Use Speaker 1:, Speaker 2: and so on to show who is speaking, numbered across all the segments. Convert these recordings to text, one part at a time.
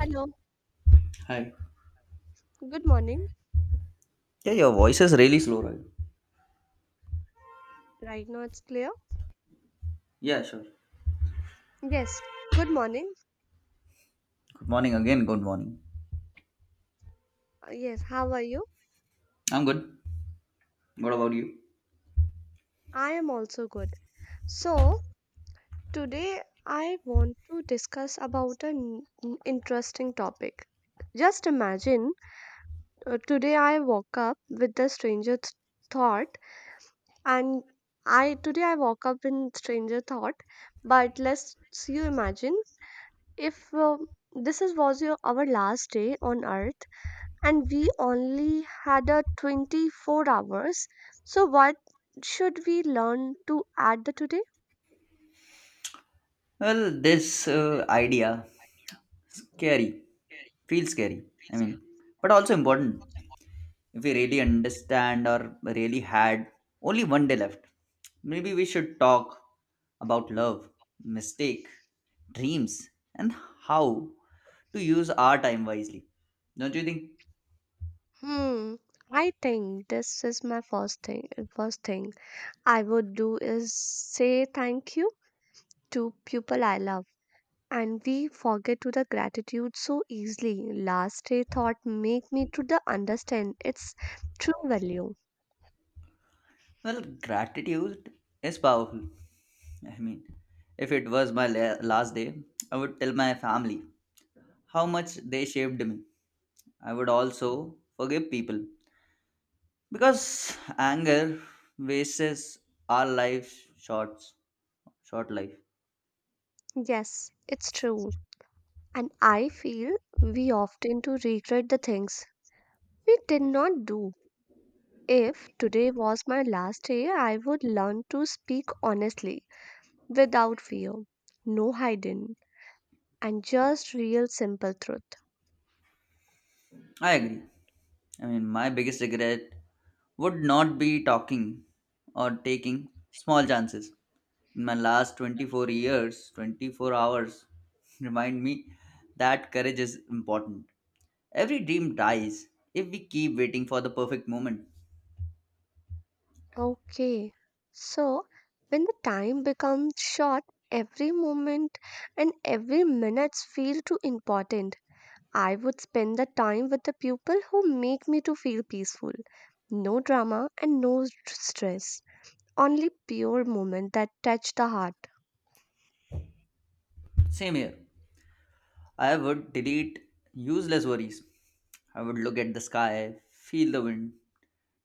Speaker 1: Hello,
Speaker 2: Hi.
Speaker 1: good morning.
Speaker 2: Yeah, your voice is really slow, right?
Speaker 1: Right now it's clear.
Speaker 2: Yeah, sure.
Speaker 1: Yes, good morning.
Speaker 2: Good morning again. Good morning.
Speaker 1: Yes, how are you?
Speaker 2: I'm good. What about you?
Speaker 1: I am also good. So, today I want to discuss about an interesting topic. Just imagine today I woke up with the stranger thought and I woke up in stranger thought, but let's you imagine if this is was your our last day on earth and we only had a 24 hours, so what should we learn to add the today.
Speaker 2: Well, this idea scary feels scary. I mean, but also important. If we really understand or really had only one day left, maybe we should talk about love, mistake, dreams, and how to use our time wisely. Don't you think?
Speaker 1: Hmm. I think this is my first thing. First thing I would do is say thank you to people I love. And we forget to the gratitude so easily. Last day thought make me to the understand its true value.
Speaker 2: Well, gratitude is powerful. I mean, if it was my last day, I would tell my family how much they shaped me. I would also forgive people because anger wastes our short life.
Speaker 1: Yes, it's true. And I feel we often to regret the things we did not do. If today was my last day, I would learn to speak honestly, without fear, no hiding, and just real simple truth.
Speaker 2: I agree. I mean, my biggest regret would not be talking or taking small chances. In my last 24 years, 24 hours remind me that courage is important. Every dream dies if we keep waiting for the perfect moment.
Speaker 1: Okay. So, when the time becomes short, every moment and every minute feel too important. I would spend the time with the people who make me to feel peaceful. No drama and no stress. Only pure moment that touch the heart.
Speaker 2: Same here. I would delete useless worries. I would look at the sky, feel the wind,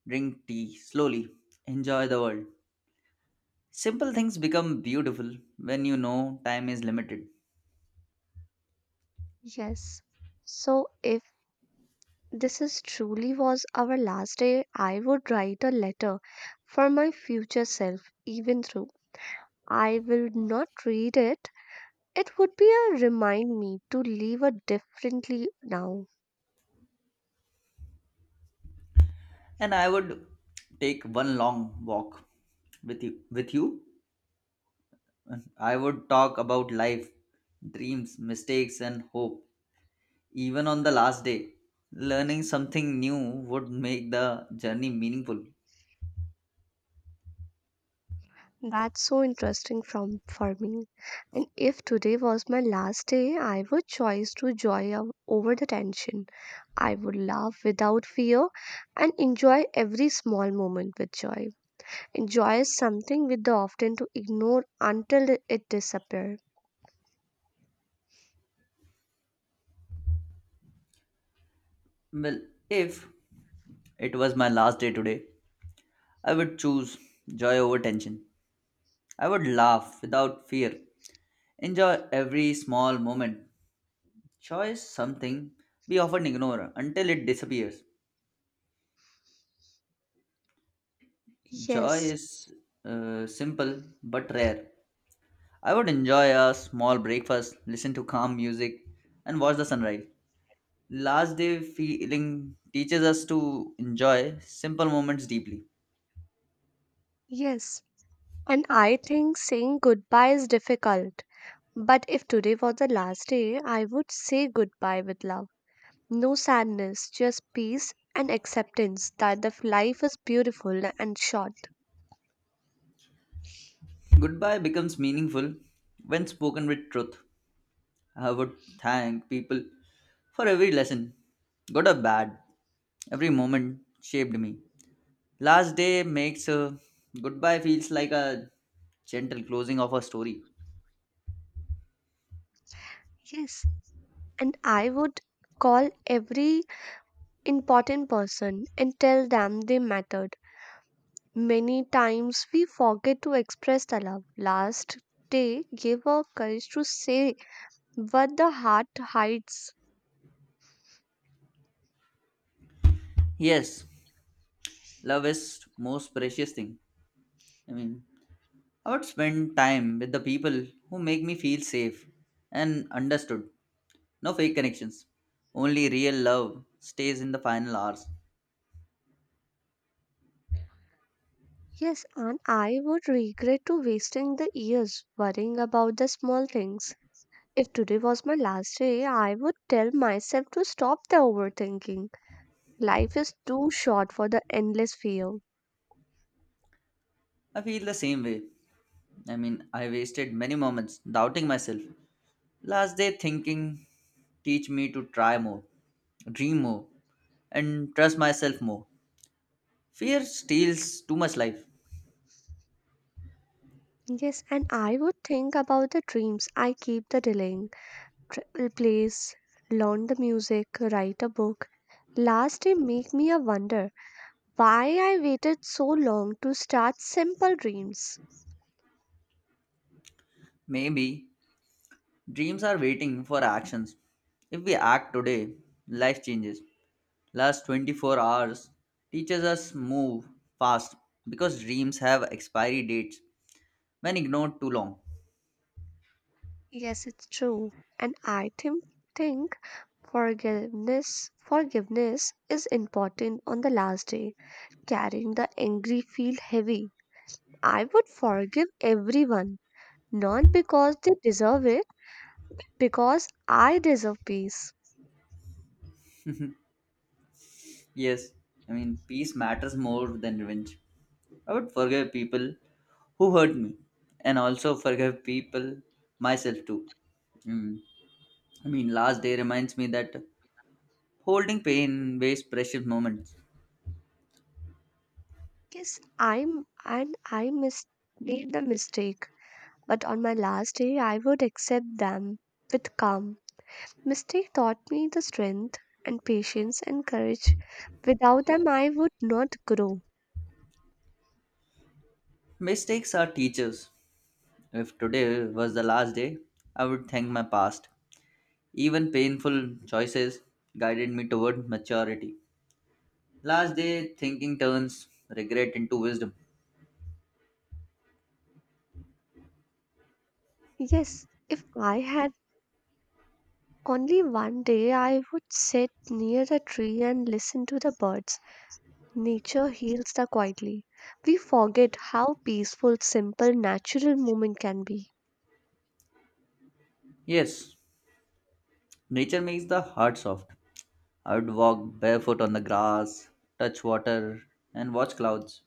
Speaker 2: drink tea slowly, enjoy the world. Simple things become beautiful when you know time is limited.
Speaker 1: Yes. So, if this is truly was our last day, I would write a letter for my future self, even though I will not read it. It would be a remind me to live a differently now.
Speaker 2: And I would take one long walk with you. I would talk about life, dreams, mistakes and hope. Even on the last day, learning something new would make the journey meaningful.
Speaker 1: That's so interesting from for me. And if today was my last day, I would choose to joy over the tension. I would laugh without fear and enjoy every small moment with joy. Enjoys something with the often to ignore until it disappears.
Speaker 2: Well, if it was my last day today, I would choose joy over tension. I would laugh without fear, enjoy every small moment. Joy is something we often ignore until it disappears. Joy
Speaker 1: Yes,
Speaker 2: is simple but rare. I would enjoy a small breakfast, listen to calm music, and watch the sunrise. Last day feeling teaches us to enjoy simple moments deeply.
Speaker 1: yes. And I think saying goodbye is difficult. But if today was the last day, I would say goodbye with love. No sadness, just peace and acceptance that the life is beautiful and short.
Speaker 2: Goodbye becomes meaningful when spoken with truth. I would thank people for every lesson, good or bad. Every moment shaped me. Last day makes a goodbye feels like a gentle closing of a story.
Speaker 1: Yes. And I would call every important person and tell them they matter. Many times we forget to express the love. Last day gave us courage to say what the heart hides.
Speaker 2: Yes, love is most precious thing. I mean, I would spend time with the people who make me feel safe and understood. No fake connections. Only real love stays in the final hours.
Speaker 1: Yes, and I would regret to wasting the years worrying about the small things. If today was my last day, I would tell myself to stop the overthinking. Life is too short for the endless fear.
Speaker 2: I feel the same way. I mean, I wasted many moments doubting myself. Last day thinking teach me to try more, dream more, and trust myself more. Fear steals too much life.
Speaker 1: Yes, and I would think about the dreams I keep the delaying. Travel place, learn the music, write a book. Last day make me a wonder why I waited so long to start simple dreams.
Speaker 2: Maybe dreams are waiting for actions. If we act today, life changes. Last 24 hours teaches us move fast because dreams have expiry dates when ignored too long.
Speaker 1: Yes, it's true. And I think forgiveness is important on the last day. Carrying the angry feel heavy. I would forgive everyone, not because they deserve it, because I deserve peace.
Speaker 2: Yes, I mean peace matters more than revenge. I would forgive people who hurt me and also forgive people myself too. Mm. I mean last day reminds me that holding pain wastes precious moments.
Speaker 1: Yes, I mis made the mistake. But on my last day I would accept them with calm. Mistake taught me the strength and patience and courage. Without them, I would not grow.
Speaker 2: Mistakes are teachers. If today was the last day, I would thank my past. Even painful choices guided me toward maturity. Last day thinking turns regret into wisdom.
Speaker 1: Yes, if I had only one day, I would sit near a tree and listen to the birds. Nature heals the quietly. We forget how peaceful, simple, natural moment can be.
Speaker 2: Yes, nature makes the heart soft. I would walk barefoot on the grass, touch water, and watch clouds.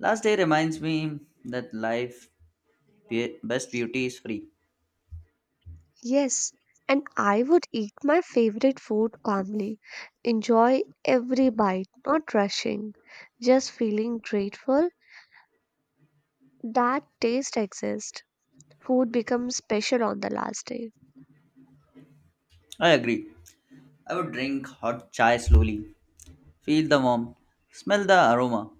Speaker 2: Last day reminds me that life best beauty is free.
Speaker 1: Yes, and I would eat my favorite food calmly, enjoy every bite, not rushing, just feeling grateful that taste exists. Food becomes special on the last day.
Speaker 2: I agree. I would drink hot chai slowly, feel the warmth, smell the aroma,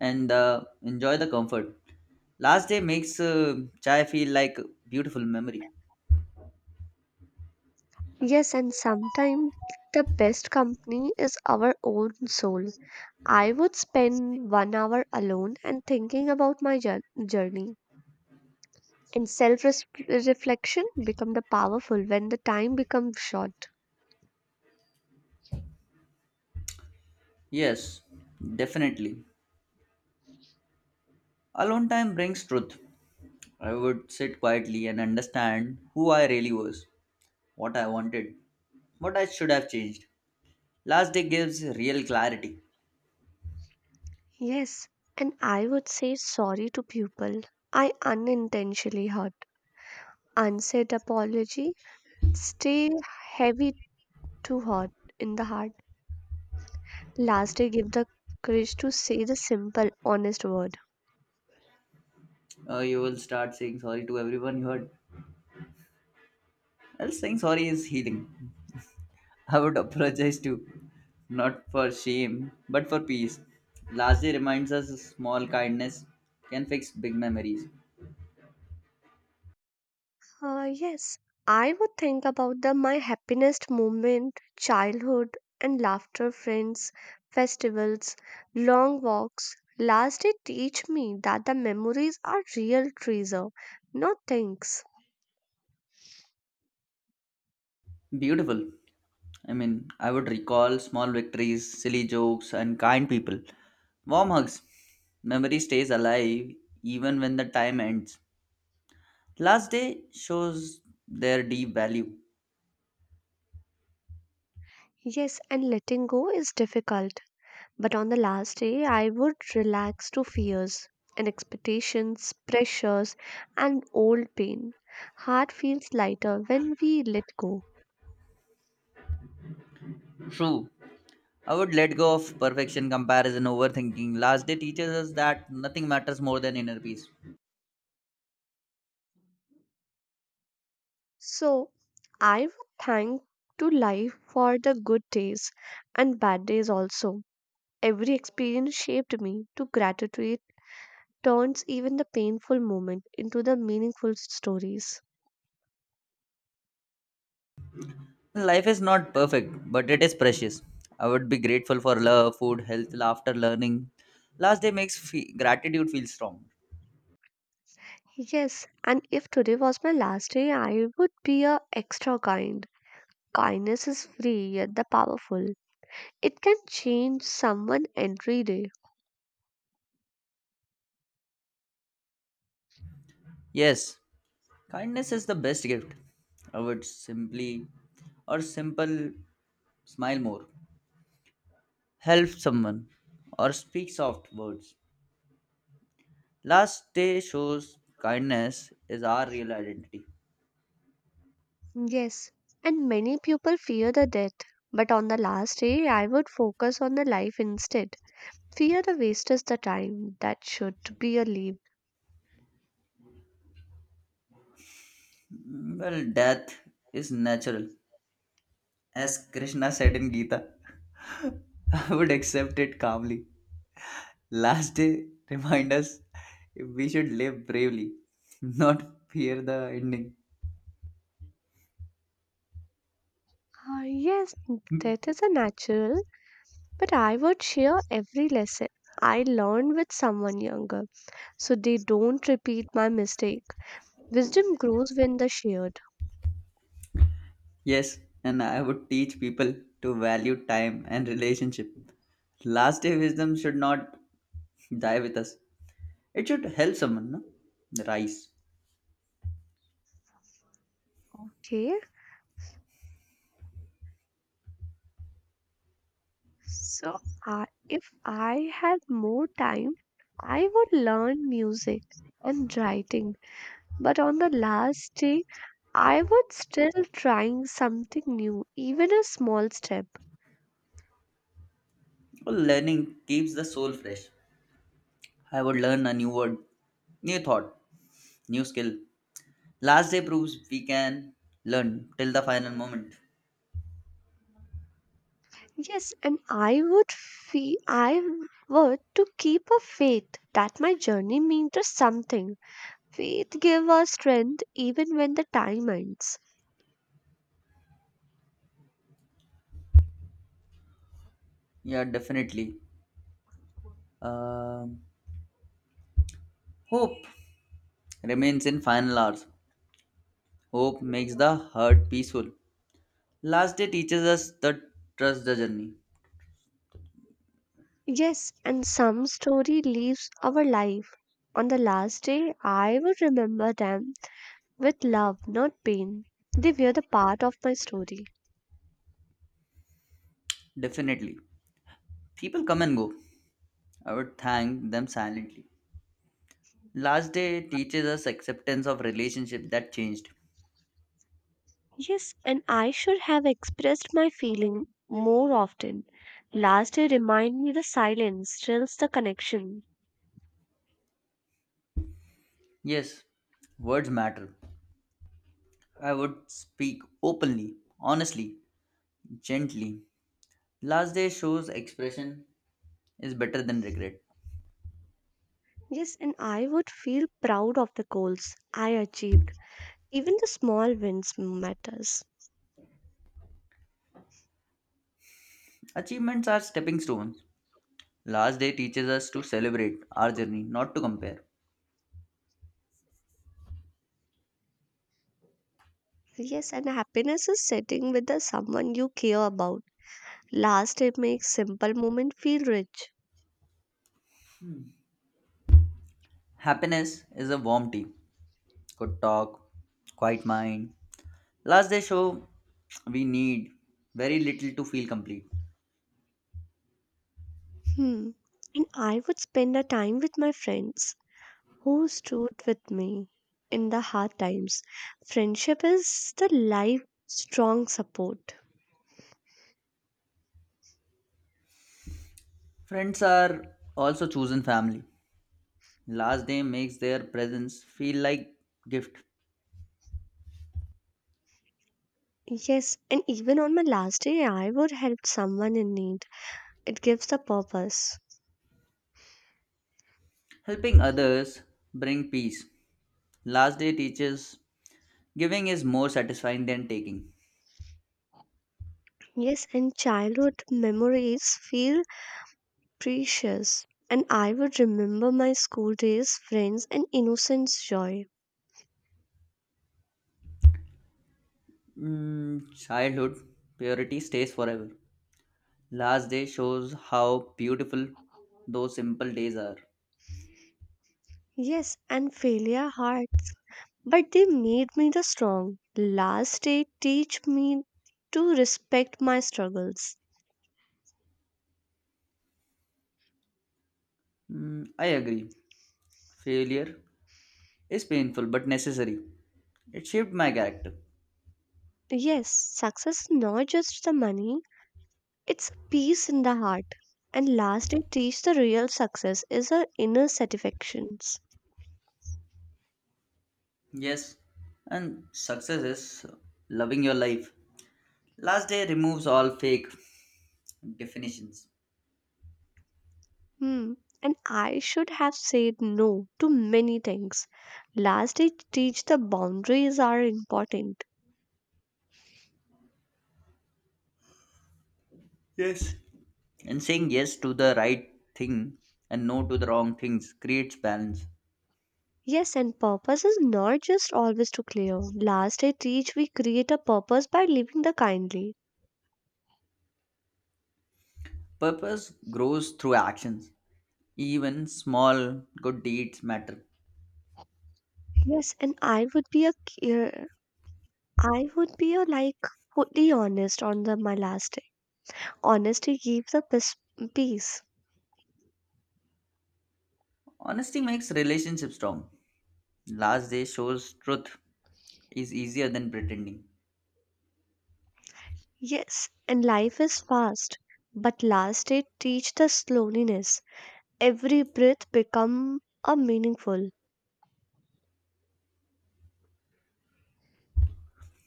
Speaker 2: and enjoy the comfort. Last day makes chai feel like a beautiful memory.
Speaker 1: Yes, and sometimes the best company is our own soul. I would spend 1 hour alone and thinking about my journey. And self reflection become the powerful when the time becomes short.
Speaker 2: Yes, definitely. Alone time brings truth. I would sit quietly and understand who I really was, what I wanted, what I should have changed. Last day gives real clarity.
Speaker 1: Yes, and I would say sorry to people I unintentionally hurt. Unsaid apology stay heavy to hurt in the heart. Lastly, give the courage to say the simple, honest word.
Speaker 2: You will start saying sorry to everyone you hurt. Well, saying sorry is healing. I would apologize to not for shame, but for peace. Last day reminds us small kindness can fix big memories.
Speaker 1: Yes, I would think about the my happiest moment, childhood and laughter, friends, festivals, long walks. Last, it teach me that the memories are real treasure, not things.
Speaker 2: Beautiful. I mean, I would recall small victories, silly jokes, and kind people. Warm hugs. Memory stays alive even when the time ends. Last day shows their deep value.
Speaker 1: Yes, and letting go is difficult, but on the last day, I would relax to fears and expectations, pressures, and old pain. Heart feels lighter when we let go.
Speaker 2: True. I would let go of perfection, comparison, overthinking. Last day teaches us that nothing matters more than inner peace.
Speaker 1: So, I would thank to life for the good days and bad days also. Every experience shaped me to gratitude turns even the painful moment into the meaningful stories.
Speaker 2: Life is not perfect, but it is precious. I would be grateful for love, food, health, laughter, learning. Last day makes gratitude feel strong.
Speaker 1: Yes, and if today was my last day, I would be a extra kind. Kindness is free yet the powerful. It can change someone every day.
Speaker 2: Yes, kindness is the best gift. I would simply or simple smile more, help someone, or speak soft words. Last day shows kindness is our real identity.
Speaker 1: Yes, and many people fear the death, but on the last day, I would focus on the life instead. Fear the waste is the time that should be a leap.
Speaker 2: Well, death is natural, as Krishna said in Gita. I would accept it calmly. Last day, remind us we should live bravely, not fear the ending.
Speaker 1: Ah, yes, death is a natural, but I would share every lesson I learned with someone younger, so they don't repeat my mistake. Wisdom grows when the shared.
Speaker 2: Yes, and I would teach people to value time and relationship. Last day wisdom should not die with us. It should help someone no? Rise.
Speaker 1: Okay. So if I had more time, I would learn music and writing. But on the last day, I would still trying something new, even a small step.
Speaker 2: Well, learning keeps the soul fresh. I would learn a new word, new thought, new skill. Last day proves we can learn till the final moment.
Speaker 1: Yes, and I would to keep a faith that my journey means to something. Faith give us strength even when the time ends.
Speaker 2: Yeah, definitely. Um Hope remains in final hours. Hope makes the hurt peaceful. Last day teaches us that trust the journey.
Speaker 1: Yes, and some story leaves our life. On the last day, I will remember them with love, not pain. They were the part of my story.
Speaker 2: Definitely. People come and go. I would thank them silently. Last day teaches us acceptance of relationship that changed.
Speaker 1: Yes, and I should have expressed my feeling more often. Last day remind me the silence stirs the connection.
Speaker 2: Yes, words matter. I would speak openly, honestly, gently. Last day shows expression is better than regret.
Speaker 1: Yes, and I would feel proud of the goals I achieved. Even the small wins matters.
Speaker 2: Achievements are stepping stones. Last day teaches us to celebrate our journey, not to compare.
Speaker 1: Yes, and happiness is sitting with the someone you care about. Last, it makes simple moment feel rich.
Speaker 2: Happiness is a warm tea, good talk, quiet mind. Last they show we need very little to feel complete.
Speaker 1: Hmm. And I would spend a time with my friends who stood with me in the hard times. Friendship is the life strong support.
Speaker 2: Friends are also chosen family. Last day makes their presence feel like gift.
Speaker 1: Yes, and even on my last day, I would help someone in need. It gives a purpose.
Speaker 2: Helping others bring peace. Last day teaches giving is more satisfying than taking.
Speaker 1: Yes, and childhood memories feel precious. And I would remember my school days, friends, and innocence joy.
Speaker 2: Mm, childhood purity stays forever. Last day shows how beautiful those simple days are.
Speaker 1: Yes, and failure hard. But they made me the strong. Last they teach me to respect my struggles.
Speaker 2: Mm, I agree. Failure is painful but necessary. It shaped my character.
Speaker 1: Yes, success is not just the money, it's peace in the heart. And last they teach the real success is our inner satisfactions.
Speaker 2: Yes, and success is loving your life. Last day removes all fake definitions.
Speaker 1: Hmm. And I should have said no to many things. Last they teach the boundaries are important.
Speaker 2: Yes. And saying yes to the right thing and no to the wrong things creates balance.
Speaker 1: Yes, and purpose is not just always to clear. Last they teach we create a purpose by living the kindly.
Speaker 2: Purpose grows through actions. Even small good deeds matter.
Speaker 1: Yes, and I would be a fully honest on the my last day. Honesty gives the peace. Peace.
Speaker 2: Honesty makes relationships strong. Last day shows truth is easier than pretending.
Speaker 1: Yes, and life is fast, but last day teach the slowness. Every breath become a meaningful.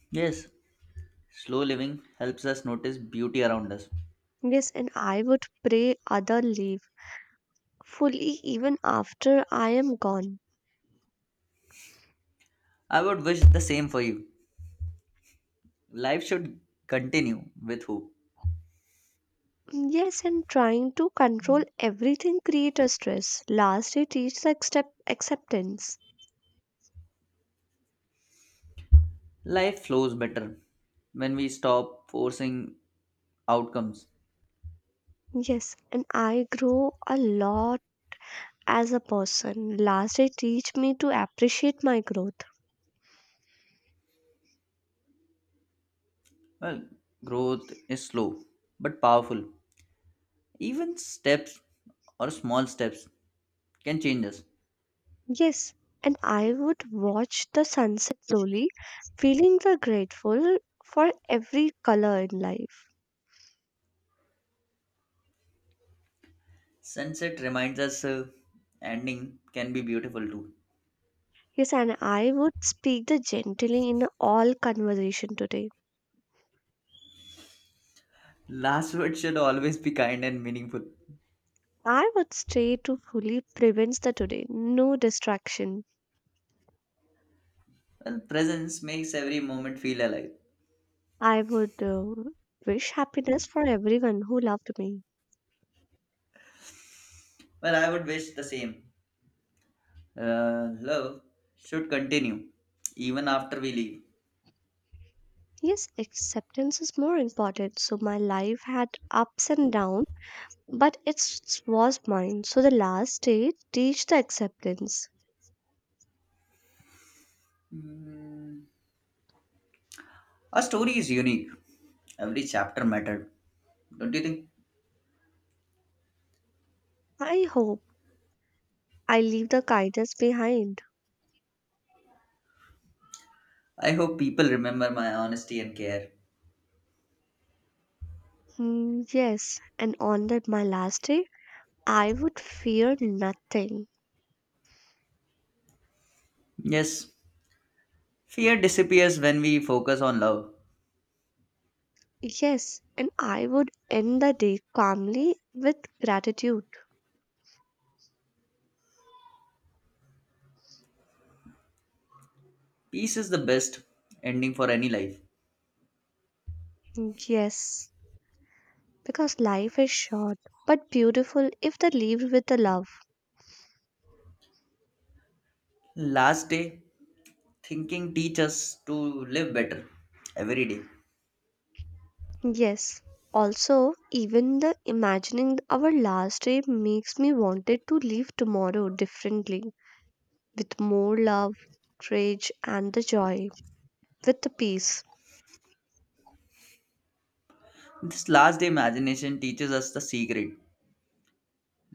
Speaker 2: Yes, slow living helps us notice beauty around us.
Speaker 1: Yes, and I would pray other leave fully even after I am gone.
Speaker 2: I would wish the same for you. Life should continue with hope.
Speaker 1: Yes, and trying to control everything create a stress. Last day teach the acceptance.
Speaker 2: Life flows better when we stop forcing outcomes.
Speaker 1: Yes, and I grow a lot as a person. Last, it teach me to appreciate my growth.
Speaker 2: Well, growth is slow but powerful. Even steps or small steps can change us.
Speaker 1: Yes, and I would watch the sunset slowly, feeling the grateful for every color in life.
Speaker 2: Sunset reminds us ending can be beautiful too.
Speaker 1: Yes, and I would speak the gently in all conversation today.
Speaker 2: Last words should always be kind and meaningful.
Speaker 1: I would stay to fully prevent the today, no distraction.
Speaker 2: Well, presence makes every moment feel alive.
Speaker 1: I would wish happiness for everyone who loved me.
Speaker 2: Well, I would wish the same. Love should continue even after we leave.
Speaker 1: Yes, acceptance is more important. So my life had ups and downs, but it was mine. So the last day, teach the acceptance.
Speaker 2: Mm, our story is unique. Every chapter mattered, don't you think?
Speaker 1: I hope I leave the kindness behind.
Speaker 2: I hope people remember my honesty and care.
Speaker 1: Hmm, yes, and on that my last day, I would fear nothing.
Speaker 2: Yes, fear disappears when we focus on love.
Speaker 1: Yes, and I would end the day calmly with gratitude.
Speaker 2: Peace is the best ending for any life.
Speaker 1: Hmm, yes, because life is short but beautiful if they lived with the love.
Speaker 2: Last day, thinking teaches us to live better every day.
Speaker 1: Yes. Also, even the imagining our last day makes me wanted to leave tomorrow differently, with more love, courage, and the joy, with the peace.
Speaker 2: This last day imagination teaches us the secret.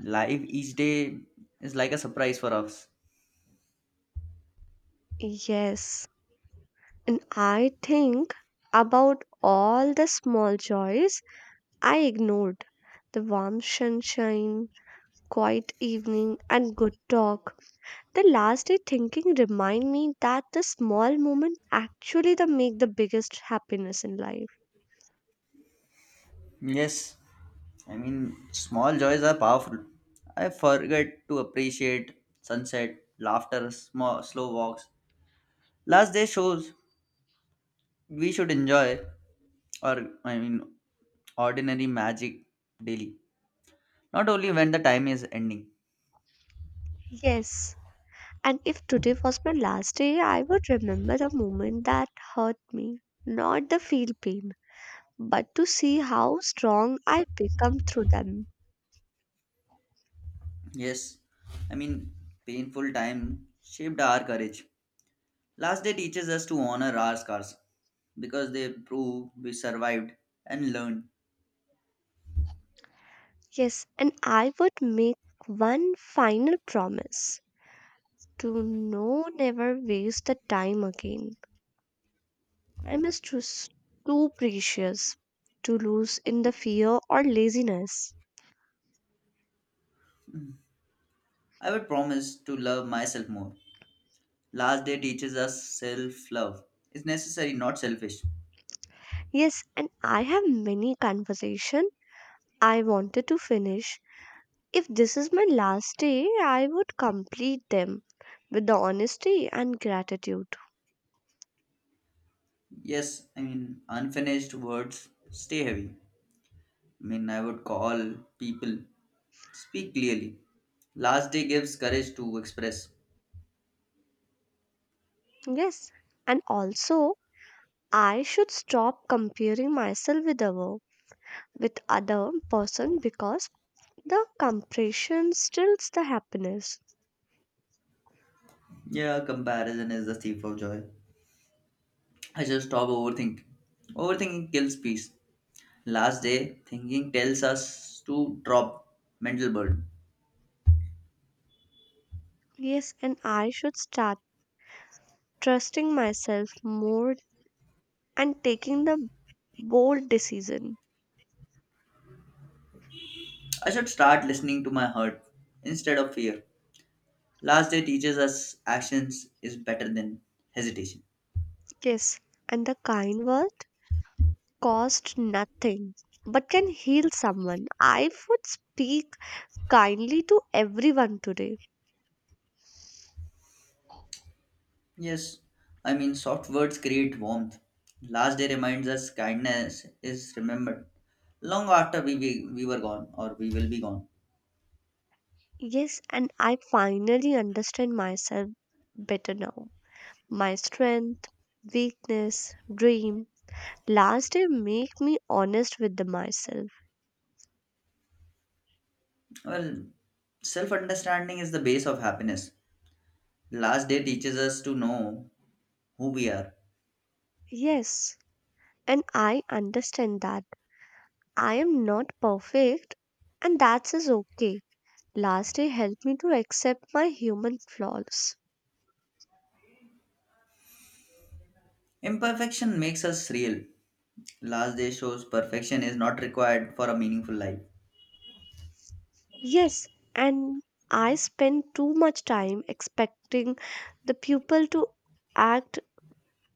Speaker 2: Life each day is like a surprise for us.
Speaker 1: Yes. And I think about all the small joys I ignored, the warm sunshine, quiet evening, and good talk. The last day thinking remind me that the small moment actually the make the biggest happiness in life.
Speaker 2: Yes, I mean, small joys are powerful. I forget to appreciate sunset, laughter, small, slow walks. Last day shows we should enjoy, or I mean, ordinary magic daily. Not only when the time is ending.
Speaker 1: Yes, and if today was my last day, I would remember the moment that hurt me, not the feel pain, but to see how strong I become through them.
Speaker 2: Yes, I mean, painful time shaped our courage. Last day teaches us to honor our scars because they prove we survived and learned.
Speaker 1: Yes, and I would make one final promise to no never waste the time again. Time is just too precious to lose in the fear or laziness.
Speaker 2: I would promise to love myself more. Last day teaches us self love. It's necessary, not selfish.
Speaker 1: Yes, and I have many conversation I wanted to finish. If this is my last day, I would complete them with the honesty and gratitude.
Speaker 2: Yes, I mean, unfinished words stay heavy. I mean, I would call people, speak clearly. Last day gives courage to express.
Speaker 1: Yes, and also I should stop comparing myself with other person because the comparison steals the happiness.
Speaker 2: Yeah, comparison is the thief of joy. I should stop overthinking. Overthinking kills peace. Last day, thinking tells us to drop mental burden.
Speaker 1: Yes, and I should start trusting myself more and taking the bold decision.
Speaker 2: I should start listening to my heart instead of fear. Last day teaches us actions is better than hesitation.
Speaker 1: Yes, and the kind word cost nothing but can heal someone. I would speak kindly to everyone today.
Speaker 2: Yes, I mean, soft words create warmth. Last day reminds us kindness is remembered long after we were gone or we will be gone.
Speaker 1: Yes, and I finally understand myself better now. My strength, weakness, dream. Last day make me honest with the myself.
Speaker 2: Well, self understanding is the base of happiness. Last day teaches us to know who we are.
Speaker 1: Yes, and I understand that I am not perfect and that's is okay. Last day helped me to accept my human flaws.
Speaker 2: Imperfection makes us real. Last day shows perfection is not required for a meaningful life.
Speaker 1: Yes, and I spend too much time expecting the pupil to act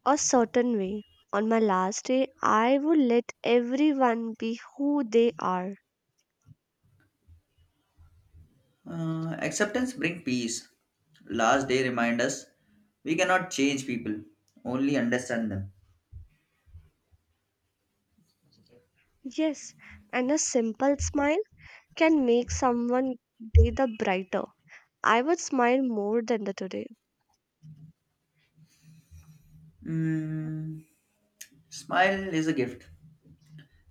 Speaker 1: a certain way. On my last day, I would let everyone be who they are.
Speaker 2: Acceptance brings peace. Last day remind us we cannot change people, only understand them.
Speaker 1: Yes, and a simple smile can make someone day the brighter. I would smile more than the today.
Speaker 2: Mm, smile is a gift.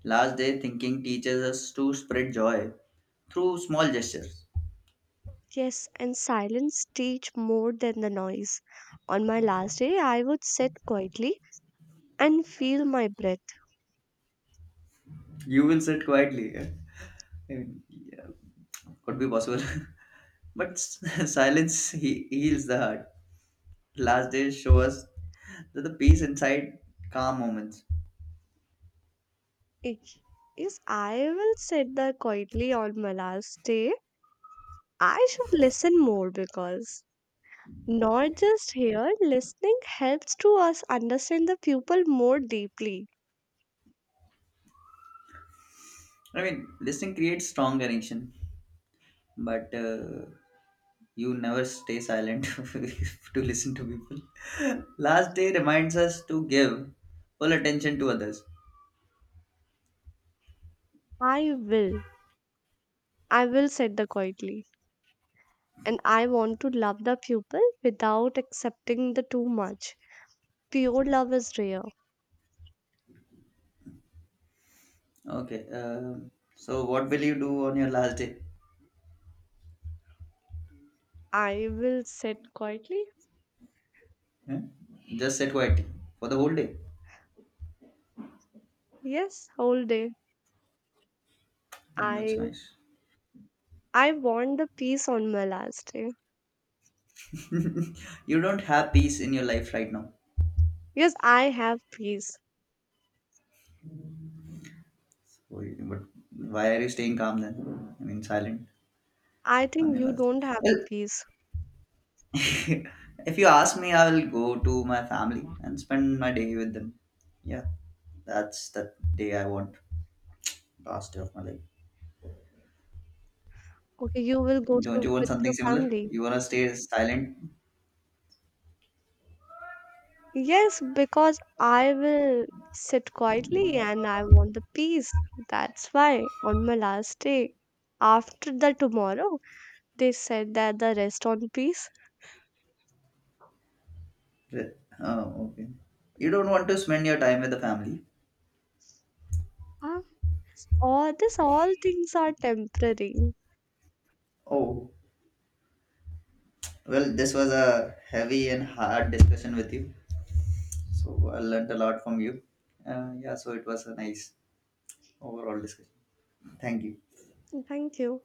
Speaker 2: Last day thinking teaches us to spread joy through small gestures.
Speaker 1: Yes, and silence teach more than the noise. On my last day, I would sit quietly and feel my breath.
Speaker 2: You will sit quietly. Eh? I mean, yeah, could be possible, but silence heals the heart. Last day show us that the peace inside calm moments.
Speaker 1: Ich- Yes, I will sit there quietly on my last day. I should listen more because not just here, listening helps to us understand the pupil more deeply.
Speaker 2: I mean, listening creates strong connection, but you never stay silent to listen to people. Last day reminds us to give full attention to others.
Speaker 1: I will. I will said the quietly. And I want to love the pupil without accepting the too much. Pure love is rare.
Speaker 2: Okay, so what will you do on your last day?
Speaker 1: I will said quietly.
Speaker 2: Huh? Just sit quietly for the whole day.
Speaker 1: Yes, whole day.
Speaker 2: Oh, that's
Speaker 1: I
Speaker 2: nice.
Speaker 1: I want the peace on my last day.
Speaker 2: You don't have peace in your life right now.
Speaker 1: Yes, I have peace.
Speaker 2: So you- But why are you staying calm then? I mean, silent
Speaker 1: I
Speaker 2: on
Speaker 1: think
Speaker 2: your
Speaker 1: you
Speaker 2: last day.
Speaker 1: don't have a
Speaker 2: Well,
Speaker 1: peace.
Speaker 2: if you ask me, I will go to my family and spend my day with them. Yeah, that's the day I want. Last day of my life.
Speaker 1: Okay, you will go
Speaker 2: Don't
Speaker 1: to
Speaker 2: you want
Speaker 1: with
Speaker 2: something
Speaker 1: your
Speaker 2: similar?
Speaker 1: family.
Speaker 2: You wanna stay silent?
Speaker 1: Yes, because I will sit quietly and I want the peace. That's why on my last day, after the tomorrow, they said that the rest on peace.
Speaker 2: Oh, okay. You don't want to spend your time with the family.
Speaker 1: Ah, all this all things are temporary.
Speaker 2: Oh, well, this was a heavy and hard discussion with you. So I learned a lot from you. Yeah, so it was a nice overall discussion. Thank you.
Speaker 1: Thank you.